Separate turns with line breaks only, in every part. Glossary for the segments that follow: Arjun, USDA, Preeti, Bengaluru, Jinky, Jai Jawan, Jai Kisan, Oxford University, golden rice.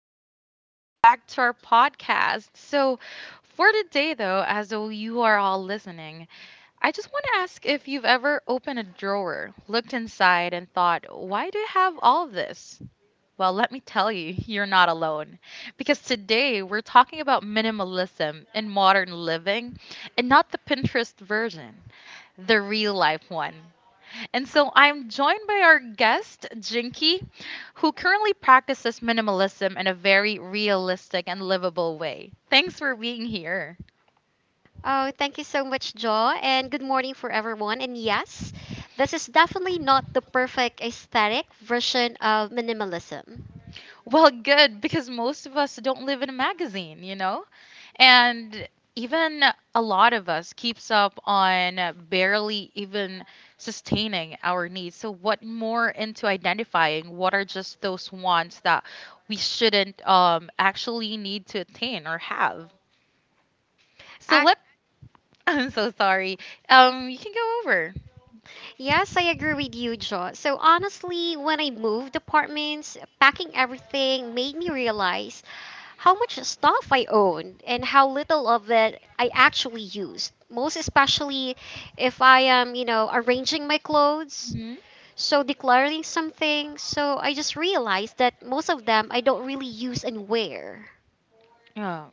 everyone. Welcome back to our podcast. For today, though, as though you are all listening, I just want to ask if you've ever opened a drawer, looked inside, and thought, why do I have all of this? Well, let me tell you, you're not alone. Because today we're talking about minimalism in modern living and not the Pinterest version, the real life one. And so I'm joined by our guest, Jinky, who currently practices minimalism in a very realistic and livable way. Thanks for being here.
Oh, thank you so much, Joe, and good morning for everyone. And yes, this is definitely not the perfect aesthetic version of minimalism.
Well, good, because most of us don't live in a magazine, you know? And even a lot of us keeps up on barely even sustaining our needs. So what more into identifying what are just those wants that we shouldn't actually need to attain or have? So
Ac-
let I'm so sorry. You can go over.
yes, I agree with you, Joe. So honestly, when I moved apartments, packing everything made me realize how much stuff I owned and how little of it I actually used. Most especially if I am arranging my clothes.
Hmm
So declaring something, so I just realized that most of them I don't really use and wear.
Oh, y-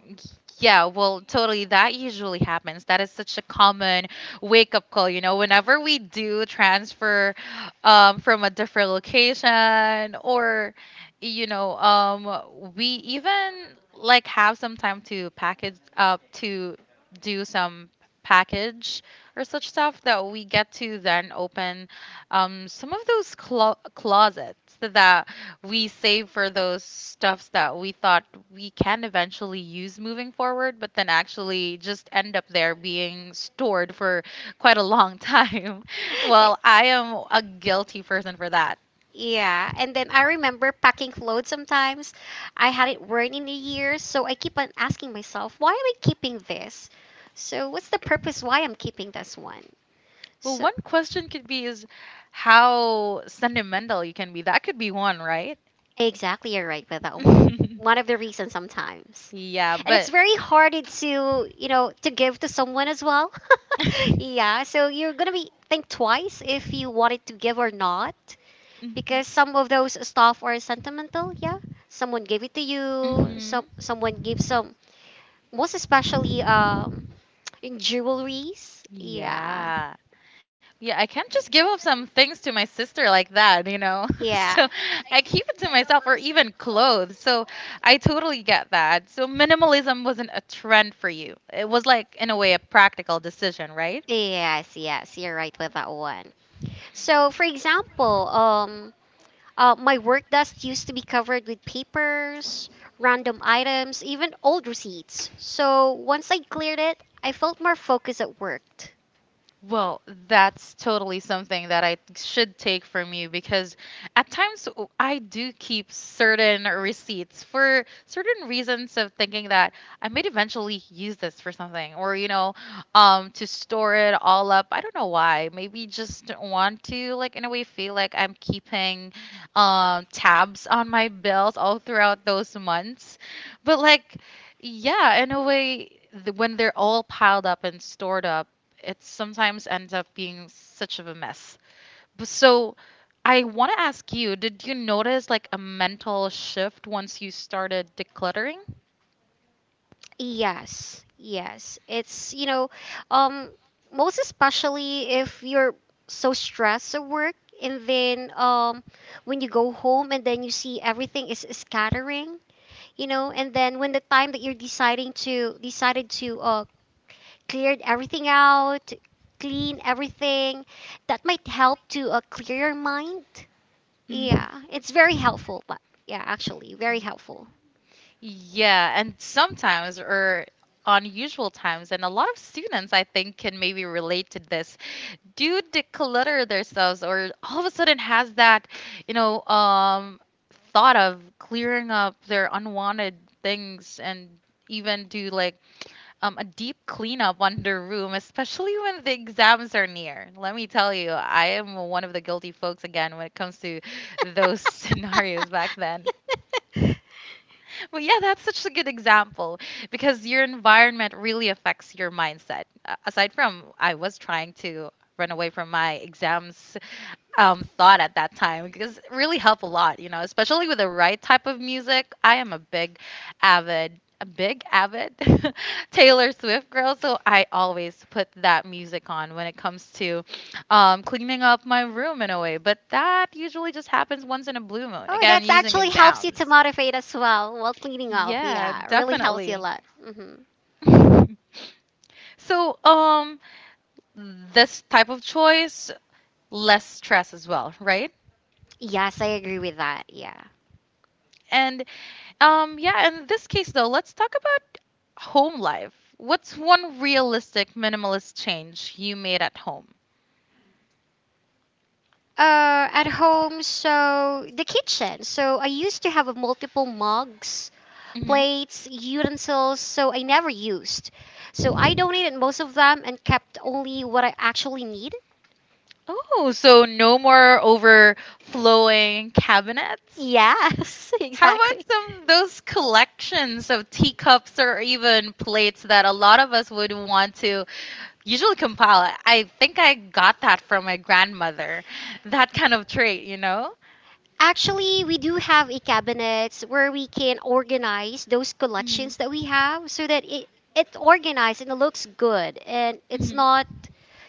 yeah. Well, totally. That usually happens. That is such a common wake up call. You know, whenever we do transfer, from a different location, or, we even like have some time to package up to do some package or such stuff that we get to then open some of those closets that we save for those stuffs that we thought we can eventually use moving forward, but then actually just end up there being stored for quite a long time. Well, I am a guilty person for that.
Yeah, and then I remember packing clothes sometimes. I had it worn in a year, so I keep on asking myself, why am I keeping this? So what's the purpose why I'm keeping this one?
Well,
So
one question could be is how sentimental you can be. That could be one, right?
exactly, you're right with that one. One of the reasons sometimes.
Yeah,
And it's
but
very very hard to give to someone as well. Yeah, so you're gonna be think twice if you wanted to give or not because some of those stuff are sentimental.
Mhm.
Yeah, someone gave it to you.
Mhm.
Someone gave some, most especially in jewelries. Yeah,
Yeah. Yeah, I can't just give up some things to my sister like that, you know?
yeah.
So I keep it to myself or even clothes. So I totally get that. So minimalism wasn't a trend for you. It was like, in a way, a practical decision, right?
Yes, yes. You're right with that one. So, for example, my work desk used to be covered with papers, random items, even old receipts. So once I cleared it, I felt more focused at work.
Well, that's totally something that I should take from you because at times I do keep certain receipts for certain reasons of thinking that I might eventually use this for something or, to store it all up. I don't know why. Maybe just want to, like, in a way, feel like I'm keeping tabs on my bills all throughout those months. But, like, yeah, in a way, when they're all piled up and stored up, it sometimes ends up being such of a mess. So I want to ask you, did you notice like a mental shift once you started decluttering?
Yes, yes. It's, um, most especially if you're so stressed at work, and then when you go home and then you see everything is scattering and then when the time that you're deciding to decided to clear everything out, clean everything, that might help to clear your mind. Yeah, it's very helpful, but yeah, actually, very helpful.
Yeah, and sometimes or unusual times, and a lot of students I think can maybe relate to this, do declutter themselves or all of a sudden has that, you know, um thought of clearing up their unwanted things and even do like a deep cleanup on the room, especially when the exams are near. Let me tell you, I am one of the guilty folks again when it comes to those scenarios back then. But yeah, that's such a good example because your environment really affects your mindset. Aside from, I was trying to run away from my exams thought at that time because it really help a lot, you know, especially with the right type of music. I am a big avid Taylor Swift girl, so I always put that music on when it comes to cleaning up my room in a way. But that usually just happens once in a blue moon.
Oh,
Again,
that's
using
actually helps you to
exams.
motivate as well while cleaning up.
Yeah,
Yeah, really helps you a
definitely.
lot. Hmm.
So, this type of choice, less stress as well, right?
Yes, I agree with that. Yeah.
And yeah, in this case, though, let's talk about home life. What's one realistic minimalist change you made at home?
At home, so the kitchen. So I used to have a multiple mugs,
Hmm
plates, utensils, so I never used. So I donated most of them and kept only what I actually need.
Oh, so no more overflowing cabinets?
Yes,
How about
exactly.
some those collections of teacups or even plates that a lot of us would want to usually compile? I think I got that from my grandmother. That kind of trait, you know?
Actually, we do have a cabinets where we can organize those collections that we
Mhm.
have, so that it's organized and it looks good and it's
Mhm.
not,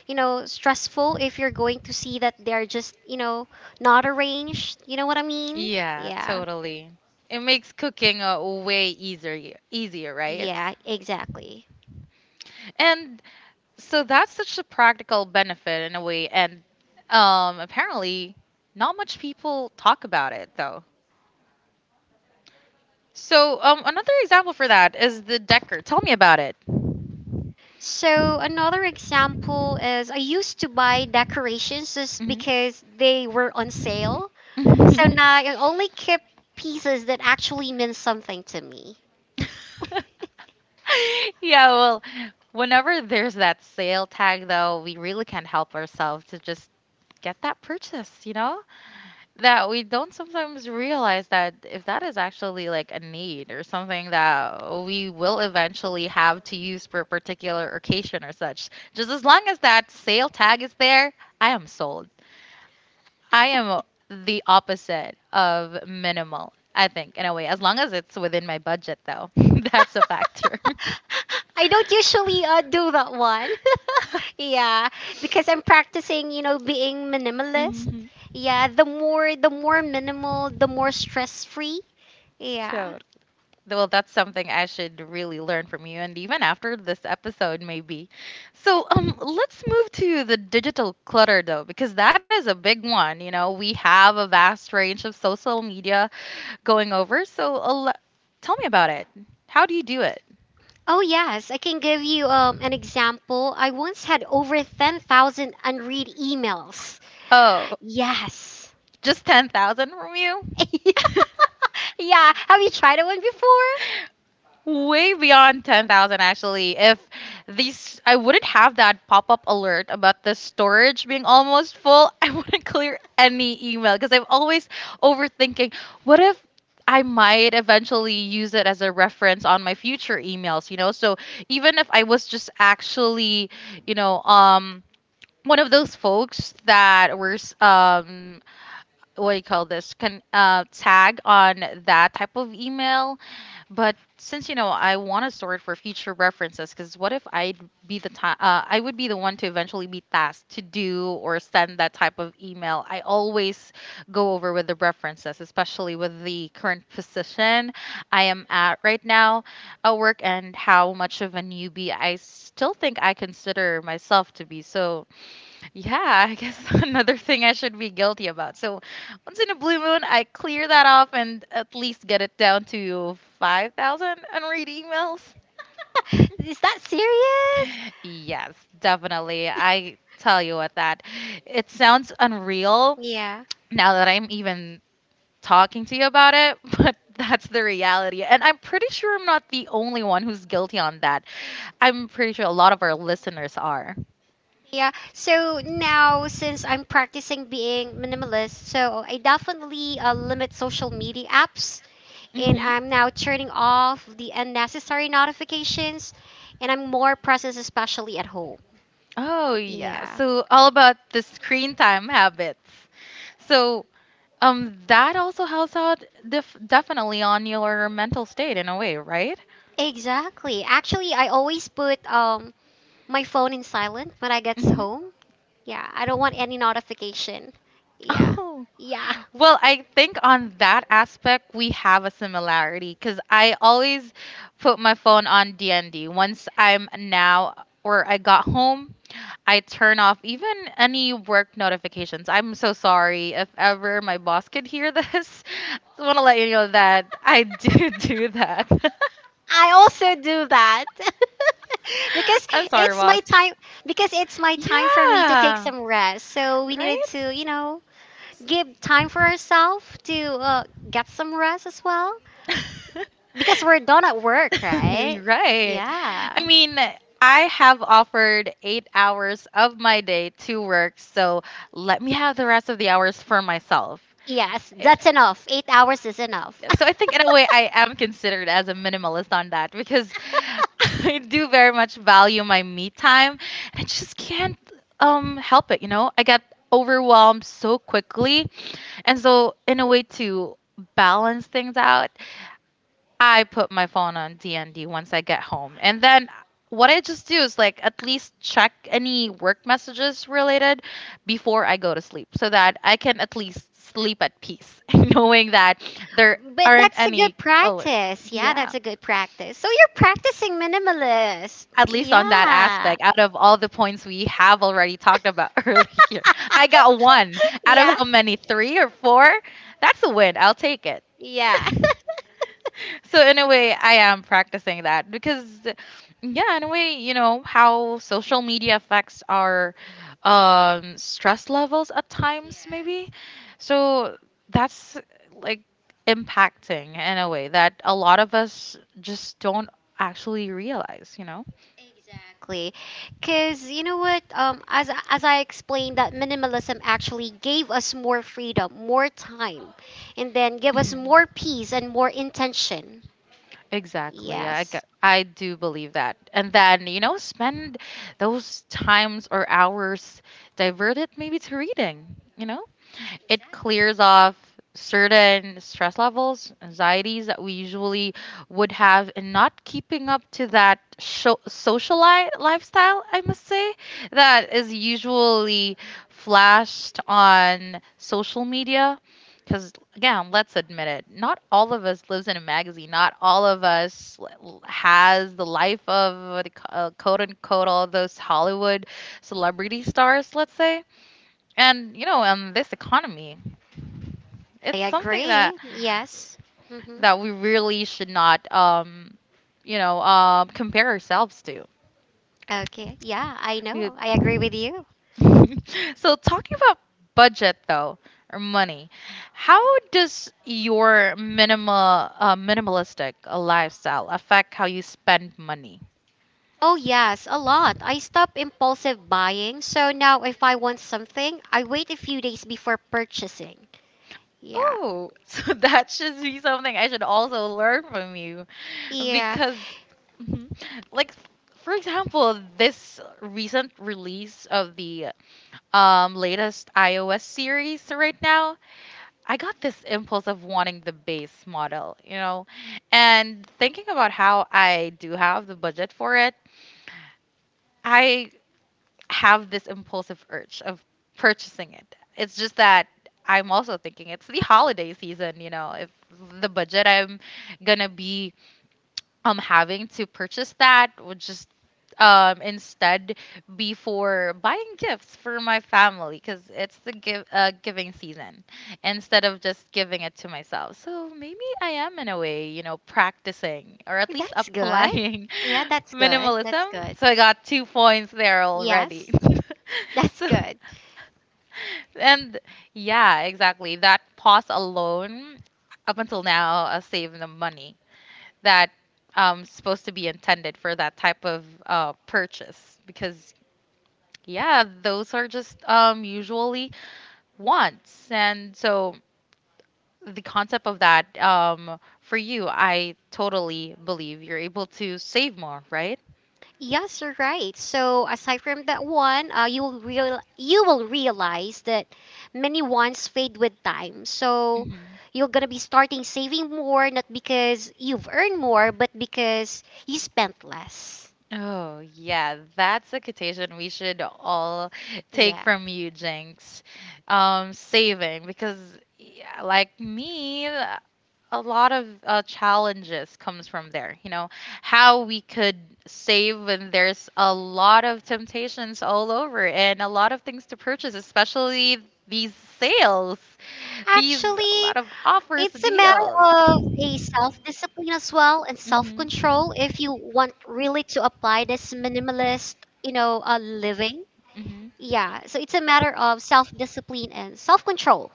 you know, stressful if you're going to see that they're just not arranged. You know what I mean?
Yeah,
Yeah.
totally. It makes cooking way easier, right?
Yeah, exactly.
And so that's such a practical benefit in a way, and apparently not much people talk about it though. So another example for that is the decker. Tell me about it.
So another example is I used to buy decorations just because they were on sale. So
Mhm.
now I only keep pieces that actually mean something to me.
Yeah, well, whenever there's that sale tag, though, we really can't help ourselves to just get that purchase, you know? That we don't sometimes realize that if that is actually like a need or something that we will eventually have to use for a particular occasion or such, just as long as that sale tag is there, I am sold. I am the opposite of minimal, I think, in a way, as long as it's within my budget, though. That's a factor.
I don't usually do that one. Yeah, because I'm practicing being minimalist.
hmm
Yeah, the more minimal, the more stress free. Yeah.
So, well, that's something I should really learn from you, and even after this episode, maybe. So, let's move to the digital clutter, though, because that is a big one. You know, we have a vast range of social media going over. So, tell me about it. How do you do it?
Oh yes, I can give you an example. I once had over 10,000 unread emails.
Oh,
Yes.
just 10,000 from you?
Yeah. Have you tried that one before?
Way beyond 10,000 actually. If these, I wouldn't have that pop up alert about the storage being almost full. I wouldn't clear any email because I'm always overthinking what if I might eventually use it as a reference on my future emails, you know? So even if I was just actually, you know, um, one of those folks that were what do you call this can tag on that type of email but since you know, I want to store it for future references. Because what if I'd be the time? I would be the one to eventually be tasked to do or send that type of email. I always go over with the references, especially with the current position I am at right now at work and how much of a newbie I still think I consider myself to be. So yeah, I guess another thing I should be guilty about. So once in a blue moon, I clear that off and at least get it down to 5,000 unread emails.
Is that serious?
Yes, definitely. I tell you what, that it sounds unreal now that I'm even talking to you about it, but that's the reality. And I'm pretty sure I'm not the only one who's guilty on that. I'm pretty sure a lot of our listeners are.
Yeah. So now, since I'm practicing being minimalist, so I definitely limit social media apps, and
Hmm
I'm now turning off the unnecessary notifications, and I'm more present, especially at home.
Oh yeah.
Yeah.
So all about the screen time habits. So that also helps out definitely on your mental state in a way, right?
Exactly. Actually, I always put my phone in silent when I gets
Mhm.
home. Yeah, I don't want any notification. Yeah.
Oh,
Yeah.
well, I think on that aspect we have a similarity because I always put my phone on DND. Once I'm now or I got home, I turn off even any work notifications. I'm so sorry if ever my boss could hear this. Just want to let you know that I do do that.
I also do that. because
I'm sorry,
it's my
boss.
time because it's my time for me to take
Yeah.
some rest. So we needed
Right?
to give time for ourselves to get some rest as well because we're done at work, right?
You're right. I
Yeah.
mean, I have offered 8 hours of my day to work, so let me have the rest of the hours for myself.
Yes, that's enough. 8 hours is enough.
Yeah, so I think in a way I am considered as a minimalist on that because I do very much value my me time and I just can't help it, you know? I get overwhelmed so quickly. And so in a way to balance things out, I put my phone on DND once I get home. And then what I just do is like at least check any work messages related before I go to sleep so that I can at least sleep at peace knowing that there
But
aren't
that's a good
any alerts.
practice. Yeah,
Yeah.
that's a good practice. So you're practicing minimalist.
At least on that
Yeah.
aspect, out of all the points we have already talked about earlier, I got one out of
Yeah.
how many? Three or four? That's a win. I'll take it.
Yeah.
So in a way, I am practicing that because, yeah, in a way, you know how social media affects our stress levels at times, maybe. So that's like impacting in a way that a lot of us just don't actually realize, you know.
Exactly. Cuz you know what, as I explained, that minimalism actually gave us more freedom, more time, and then give us
Mhm.
more peace and more intention.
Exactly.
Yes.
I do believe that. And then, you know, spend those times or hours diverted maybe to reading, you know, it clears off certain stress levels, anxieties that we usually would have in not keeping up to that social lifestyle, I must say, that is usually flashed on social media. Because, again, let's admit it, not all of us lives in a magazine. Not all of us has the life of, what they quote unquote, all those Hollywood celebrity stars, let's say and you know in this economy
I
it's something that
agree. Yes. Mhm.
we really should not, compare ourselves to.
Okay. Yeah, I know. I agree with
We-
you.
so talking about budget though, or money, how does your minimalistic lifestyle affect how you spend money?
Oh, yes, a lot. I stopped impulsive buying, so now if I want something, I wait a few days before purchasing. Yeah.
Oh, so that should be something I should also learn from you
Yeah.
because, Mhm. like, for example, this recent release of the latest iOS series right now, I got this impulse of wanting the base model, you know, and thinking about how I do have the budget for it, I have this impulsive urge of purchasing it. It's just that I'm also thinking it's the holiday season, you know, if the budget I'm gonna be having to purchase that would just instead be for buying gifts for my family because it's the give giving season instead of just giving it to myself. So maybe I am, in a way, you know, practicing or at least
That's good.
applying
Yeah, that's good. That's
minimalism.
good.
So I got two points there already.
Yes, that's
So,
good.
and yeah, exactly, that pause alone up until now, saving the money that supposed to be intended for that type of purchase. Because yeah, those are just usually wants, and so the concept of that, for you, I totally believe you're able to save more, right?
Yes, you're right. So aside from that one, you will realize that many wants fade with time. So
Mhm.
you're gonna be starting saving more, not because you've earned more, but because you spent less.
Oh yeah, that's a quotation we should all take
Yeah.
from you, Jinx. Saving, because yeah, like me, a lot of challenges comes from there, you know, how we could save when there's a lot of temptations all over and a lot of things to purchase, especially these sales, these a
Actually,
lot of offers,
it's a matter
deals.
of a self discipline as well and self
Mhm.
control if you want really to apply this minimalist living.
Mhm.
Yeah, so it's a matter of self discipline and self control.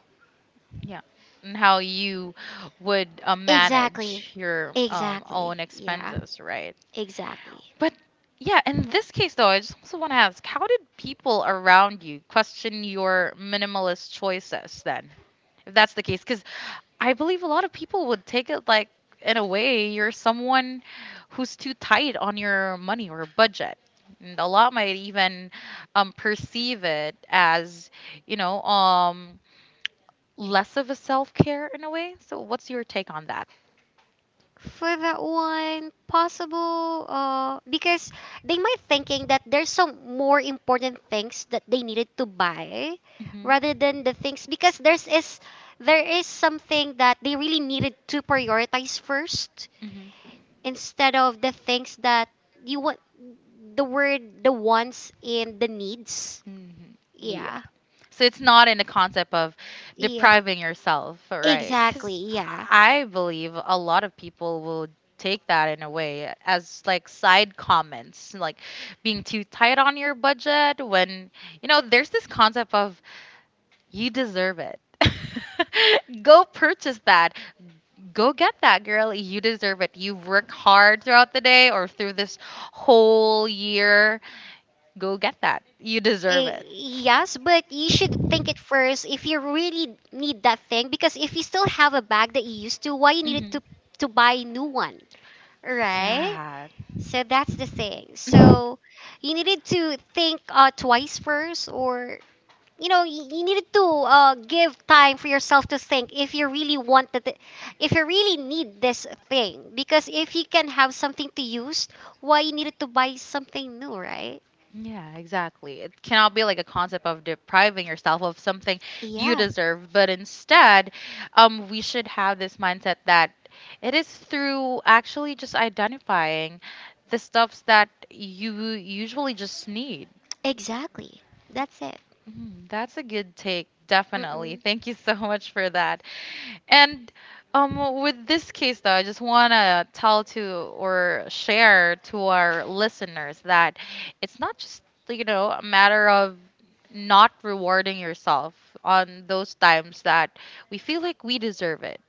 Yeah. And how you would
Exactly.
manage your
Exactly.
own
Yeah,
expenses, right?
exactly.
But yeah, in this case though, I just also want to ask, how did people around you question your minimalist choices then, if that's the case? Because I believe a lot of people would take it like, in a way, you're someone who's too tight on your money or budget. And a lot might even perceive it as, you know, less of a self care in a way. So, what's your take on that?
For that one possible because they might thinking that there's some more important things that they needed to buy
Hmm.
rather than the things, because there is something that they really needed to prioritize first
Hmm.
instead of the things that you want. The wants and the needs.
Hmm.
Yeah,
So it's not in the concept of
yeah.
depriving yourself, right?
Exactly.
Because
Yeah.
I believe a lot of people will take that in a way as like side comments, like being too tight on your budget when, you know, there's this concept of you deserve it. Go purchase that. Go get that, girl. You deserve it. You've worked hard throughout the day or through this whole year. Go get that. You deserve
Eh,
it.
yes, but you should think it first if you really need that thing, because if you still have a bag that you used to, why you needed
Hmm.
to buy a new one, right?
Yeah.
So that's the thing. So you needed to think twice first, or you needed to give time for yourself to think if you really want that, if you really need this thing. Because if you can have something to use, why you needed to buy something new, right?
Yeah, exactly. It cannot be like a concept of depriving yourself of something you
Yeah.
deserve, but instead, we should have this mindset that it is through actually just identifying the stuffs that you usually just need.
Exactly. That's it.
Mhm, that's a good take, definitely.
Mm-mm.
Thank you so much for that. And with this case, though, I just want to tell to or share to our listeners that it's not just, you know, a matter of not rewarding yourself on those times that we feel like we deserve it.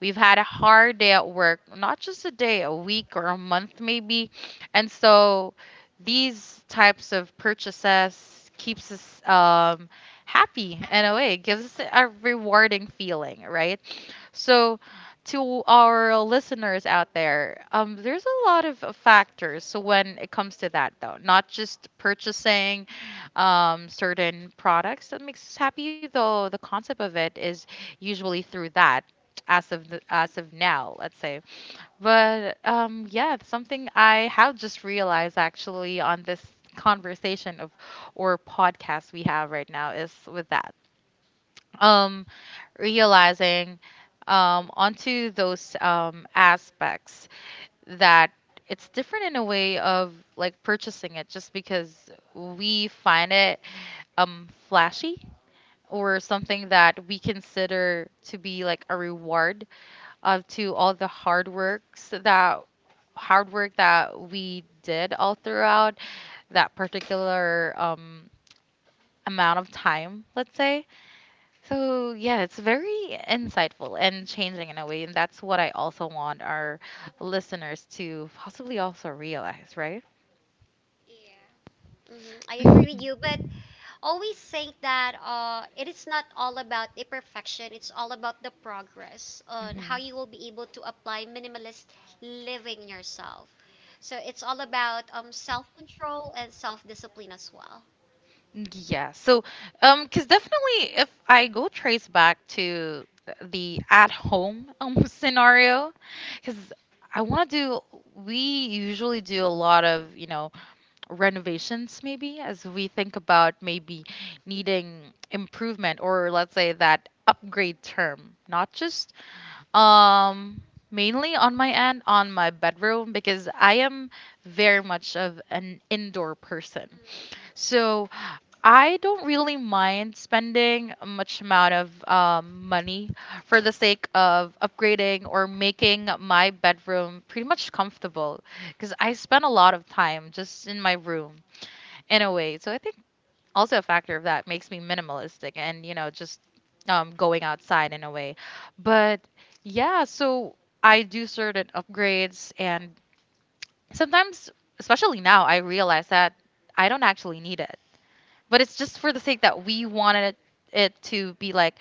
We've had a hard day at work, not just a day, a week or a month maybe. And so these types of purchases keeps us happy in a way. It gives us a rewarding feeling, right? So, to our listeners out there, there's a lot of factors. So when it comes to that, though, not just purchasing certain products that makes us happy, though the concept of it is usually through that. As of as of now, let's say, but yeah, it's something I have just realized actually on this conversation of or podcast we have right now is with that um realizing onto those aspects that it's different in a way of like purchasing it just because we find it flashy or something that we consider to be like a reward of to all the hard work that we did all throughout that particular amount of time, let's say. So yeah, it's very insightful and changing in a way, and that's what I also want our listeners to possibly also realize, right?
Hmm. I agree with you, but always think that it is not all about the perfection. It's all about the progress on
Hmm.
how you will be able to apply minimalist living yourself. So it's all about self control and self discipline as well.
Yeah. So, because definitely, if I go trace back to the at-home scenario, because I want to do, we usually do a lot of, you know, renovations maybe as we think about maybe needing improvement or let's say that upgrade term, not just um mainly on my end on my bedroom because I am very much of an indoor person. So I don't really mind spending a much amount of money for the sake of upgrading or making my bedroom pretty much comfortable because I spend a lot of time just in my room in a way. So I think also a factor of that makes me minimalistic and, you know, just going outside in a way. But yeah, so I do certain upgrades, and sometimes, especially now, I realize that I don't actually need it, but it's just for the sake that we wanted it, it to be like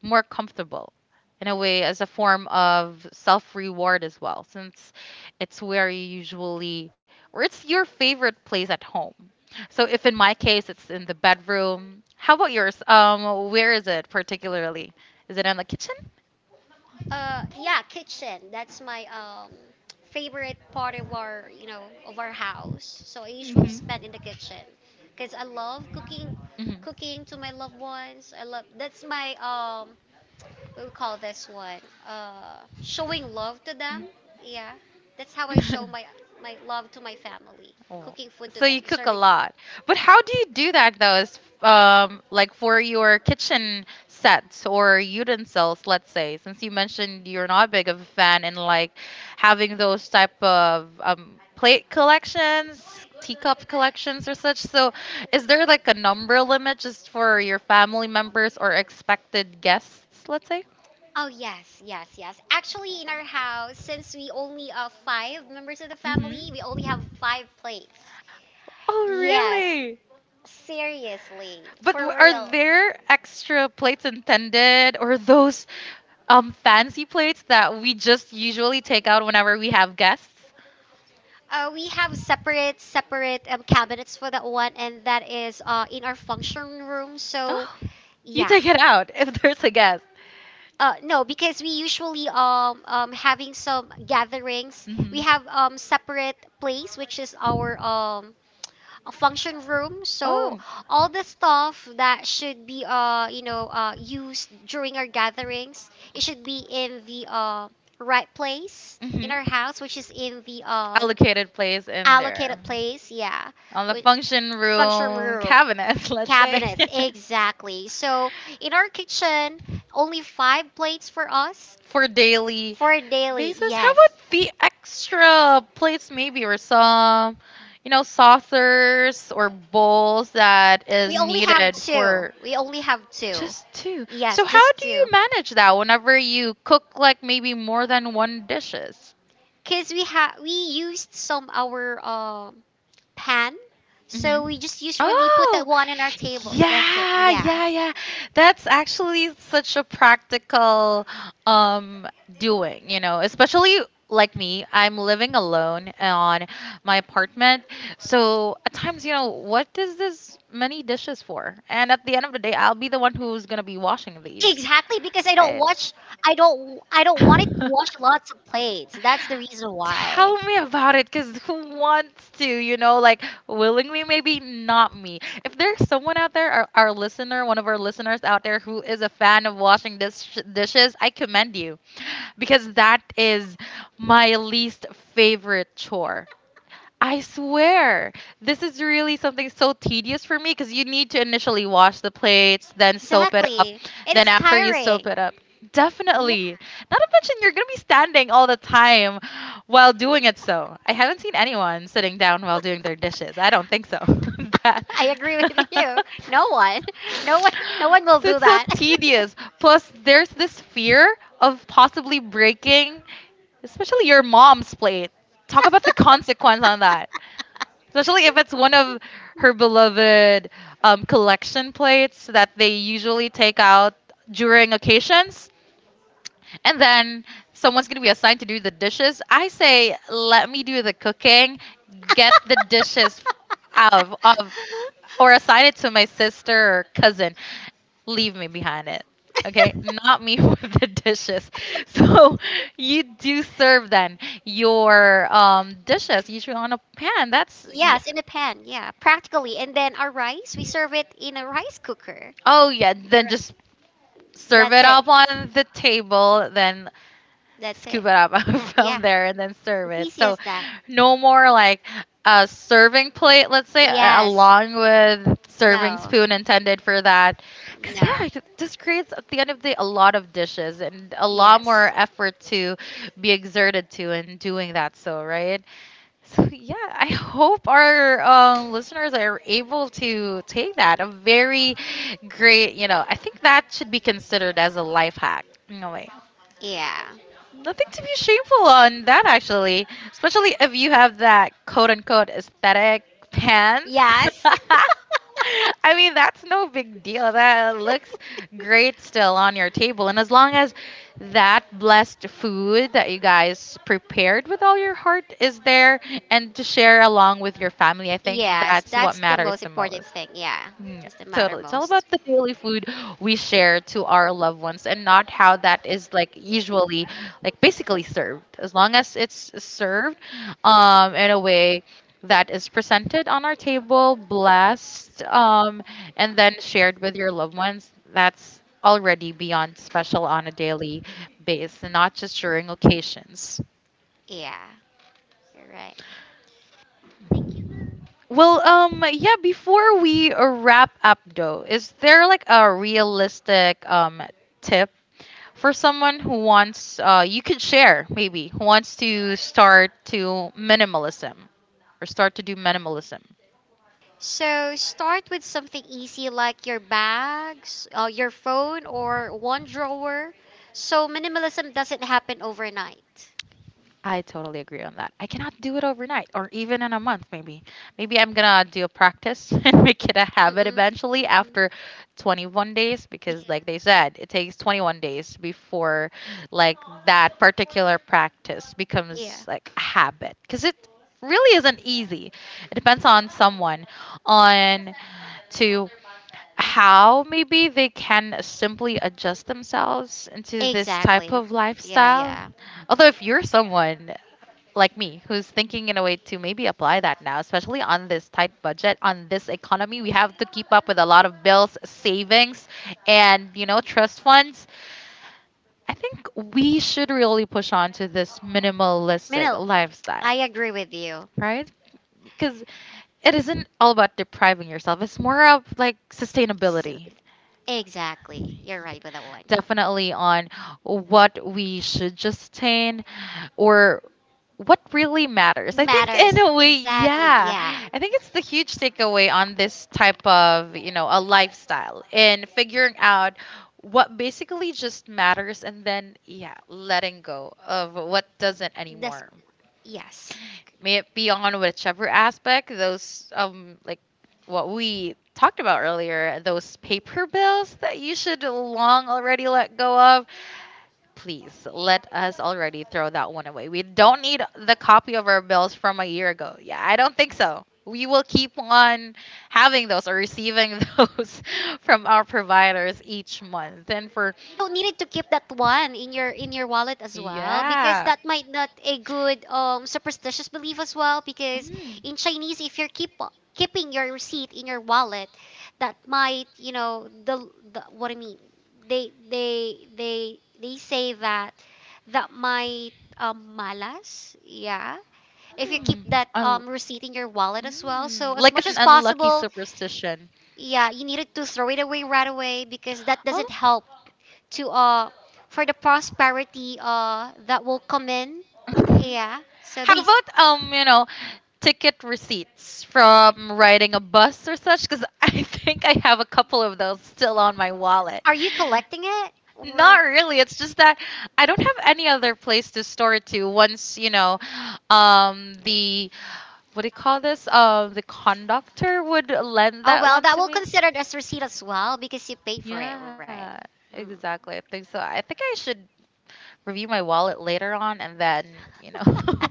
more comfortable in a way as a form of self reward as well, since it's where you usually or it's your favorite place at home. So if in my case it's in the bedroom, how about yours? Um, where is it particularly? Is it in the kitchen?
Yeah, kitchen. That's my favorite part of our house. So I usually spend in the kitchen because I love cooking, cooking to
Hmm.
my loved ones. I love, that's my
Hmm.
what we call this one, showing love to them. Yeah, that's how I show my love to my family,
Oh.
cooking food to
So inflicting you
them,
cook a
serving food.
lot. But how do you do that though? Is like for your kitchen sets or utensils, let's say, since you mentioned you're not big of a fan and like having those type of plate collections, teacup collections or such. So is there like a number limit just for your family members or expected guests, let's say?
Oh yes, yes, yes. Actually, in our house, since we only are 5 members of the family, we only have 5 plates.
Oh, yeah,
Yes,
really?
seriously, for real.
There extra plates intended, or those fancy plates that we just usually take out whenever we have guests?
We have separate cabinets for that one, and that is in our function room. So
Oh, you, yeah,
yeah.
take it out if there's a guest.
No, because we usually having some gatherings.
Mm-hmm.
We
We
have separate place, which is our a function room. So
Oh.
all the stuff that should be used during our gatherings, it should be in the right place in our house, which is in the
Allocated place in,
allocated place. Yeah.
on the
Wi-
function
Function
function
room.
cabinet, let's
Cabinets, exactly. So in our kitchen, only 5 plates for us
for daily
for daily.
basis. How yes
Yes.
about the extra plates, maybe, or some, you know, saucers or bowls that is
We only have good.
needed
Two.
for
We only have two.
just two?
Yes,
So how
just
do you
two.
manage that whenever you cook like maybe more than one dishes?
Cause we used some our pan,
Hmm.
so we just usually put that
Oh,
one on our table. That's it.
yeah,
Yeah.
yeah, yeah. That's actually such a practical um doing, you know, especially like me, I'm living alone on my apartment. So at times, you know, what is this many dishes for? And at the end of the day, I'll be the one who's gonna be washing
Yes,
these.
exactly. Because I don't
I-
watch. I don't. I don't want it to wash lots of plates. That's the reason why.
Tell me about it, because who wants to, you know, like willingly, maybe not me. If there's someone out there, our listener, one of our listeners out there who is a fan of washing dishes, I commend you because that is my least favorite chore. I swear, this is really something so tedious for me because you need to initially wash the plates, then soap it up,
Exactly. And
then
it's
after you soap
tiring.
it up. Definitely. Not to mention, you're going to be standing all the time while doing it. So, I haven't seen anyone sitting down while doing their dishes. I don't think so. That.
I agree with you. No one, no one, no one will
So
do
it's so
that.
tedious. Plus, there's this fear of possibly breaking, especially your mom's plate, talk about the consequence on that, especially if it's one of her beloved collection plates that they usually take out during occasions, and then someone's going to be assigned to do the dishes. I say let me do the cooking, get the dishes out of or assign it to my sister or cousin, leave me behind. Okay, not me with the dishes. So you do serve then your dishes usually on a pan. That's yeah.
Yes, in a pan. Yeah, practically. And then our rice, we serve it in a rice cooker.
Oh yeah, then
Direct.
just serve
That's
it
it.
up on the table. Then
That's it.
scoop it up
Yeah,
from there and then serve
it's
it.
easy as
So
that.
no more like a serving plate, let's say,
Yes.
along with serving
No.
spoon intended for that. Because, yeah,
No.
it this creates, at the end of the day, a lot of dishes and a lot more
Yes.
effort to be exerted to in doing that. So, right? So, yeah, I hope our listeners are able to take that. A very great, you know, I think that should be considered as a life hack in a way.
Yeah.
Nothing to be shameful on that actually, especially if you have that quote unquote aesthetic pants.
Yes.
I mean, that's no big deal. That looks great still on your table. And as long as that blessed food that you guys prepared with all your heart is there and to share along with your family, I think
Yes,
that's what
that's the
matters
most
the
important
most.
thing. Yeah,
Mm,
that's the matter
totally. It's all
most.
about the daily food we share to our loved ones and not how that is like usually like basically served as long as it's served in a way that is presented on our table blessed, and then shared with your loved ones. That's already beyond special on a daily basis and not just during occasions.
Yeah, you're right.
Well, before we wrap up though, is there like a realistic tip for someone who wants, you could share maybe, who wants to start to minimalism or start to do minimalism?
So start with something easy like your bags, your phone, or one drawer. So minimalism doesn't happen overnight.
I totally agree on that. I cannot do it overnight or even in a month, maybe. Maybe I'm gonna do a practice and make it a habit
Mm-mm.
eventually
Mm-mm.
after 21 days because, like they said, it takes 21 days before like that particular practice becomes
Yeah.
like a habit because it really isn't easy. It depends on someone on to how maybe they can simply adjust themselves into this type
Yeah,
of
lifestyle.
lifestyle.
Yeah.
Although, if you're someone like me who's thinking in a way to maybe apply that now, especially on this tight budget, on this economy, we have to keep up with a lot of bills, savings, and you know, trust funds. I think we should really push on to this minimalistic
Minil,
lifestyle,
I lifestyle. Agree with you.
right? Because it isn't all about depriving yourself. It's more of like
Silly.
sustainability.
Exactly. You're right with that one.
Definitely on what we should just sustain or what really matters. I think in a way,
Yeah.
yeah.
Yeah.
I think it's the huge takeaway on this type of, you know, a lifestyle and figuring out what basically just matters, and then yeah, letting go of what doesn't
That's
anymore.
matter. Yes.
May it be on whichever aspect, those like what we talked about earlier, those paper bills that you should long already let go of. Please let us already throw that one away. We don't need the copy of our bills from a year ago. Yeah, I don't think so. We will keep on having those or receiving those from our providers each month. And for
Don't need to keep that one in your wallet as well because
yeah.
that might not a good superstitious belief as well, because
Mm.
in Chinese, if you're keeping your receipt in your wallet, that might, you know, the what I mean, they say that might malas. Yeah, if you keep
Mm.
that
Un-
receipt in your wallet as well, so
Mm.
as
Like
much
an
as
unlucky
possible,
superstition.
yeah, you needed to throw it away right away, because that doesn't help to for the prosperity that will come in. Yeah. So
How about you know, ticket receipts from riding a bus or such? Because I think I have a couple of those still on my wallet.
are you collecting it,
Not
or?
really. It's just that I don't have any other place to store it to. Once you know, the, what do you call this? The conductor would lend
Oh
that
well,
one
that
to
will
me.
considered as receipt as well because you paid for it, right?
Yeah,
Mm.
exactly. I think so. I think I should review my wallet later on and then you know,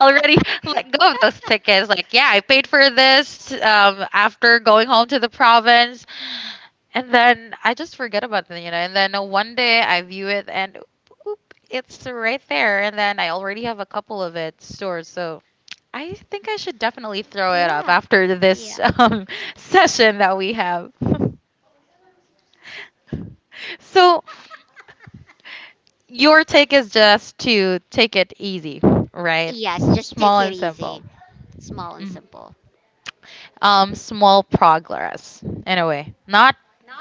already let go of those tickets. Like yeah, I paid for this, after going home to the province, and then I just forget about them, you know, and then one day I view it and oop, it's right there, and then I already have a couple of it stored. So I think I should definitely throw it up
Yeah.
after
Yeah.
this session that we have. So your take is just to take it easy, right?
Yes, just take
Small
it
and simple.
easy, small and
Mhm.
simple.
Small progress in a way, not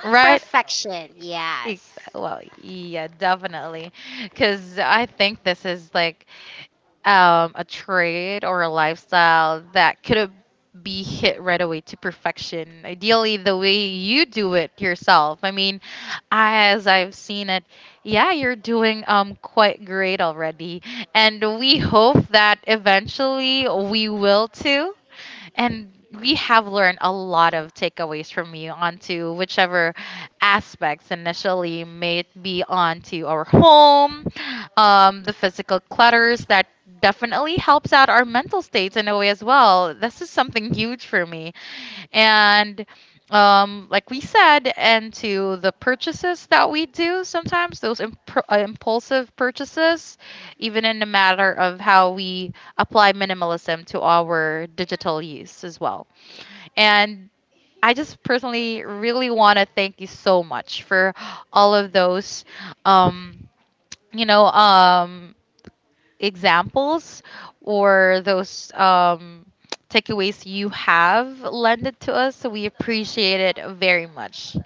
right. Ex-
Perfection. Yes.
Well, yeah, definitely, because I think this is like a trade or a lifestyle that could be hit right away to perfection. Ideally, the way you do it yourself. I mean, as I've seen it, yeah, you're doing quite great already, and we hope that eventually we will too, and we have learned a lot of takeaways from you onto whichever aspects. Initially, may it be onto our home, the physical clutters that definitely helps out our mental states in a way as well. This is something huge for me. And like we said, and to the purchases that we do sometimes, those impulsive purchases, even in the matter of how we apply minimalism to our digital use as well. And I just personally really want to thank you so much for all of those, um, you know, um, examples, or those takeaways you have lended to us. So we appreciate it very much.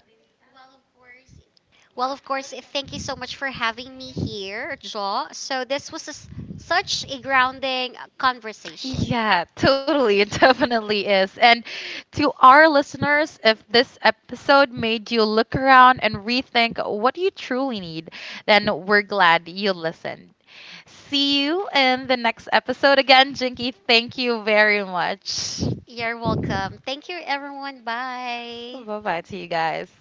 Well, of course, thank you so much for having me here, Jaw. So this was a s such a grounding conversation.
Yeah, totally. It definitely is. And to our listeners, if this episode made you look around and rethink what you truly need, then we're glad you listened. See you in the next episode again, Jinky. Thank you very much.
You're welcome. Thank you, everyone. Bye.
Bye bye to you guys.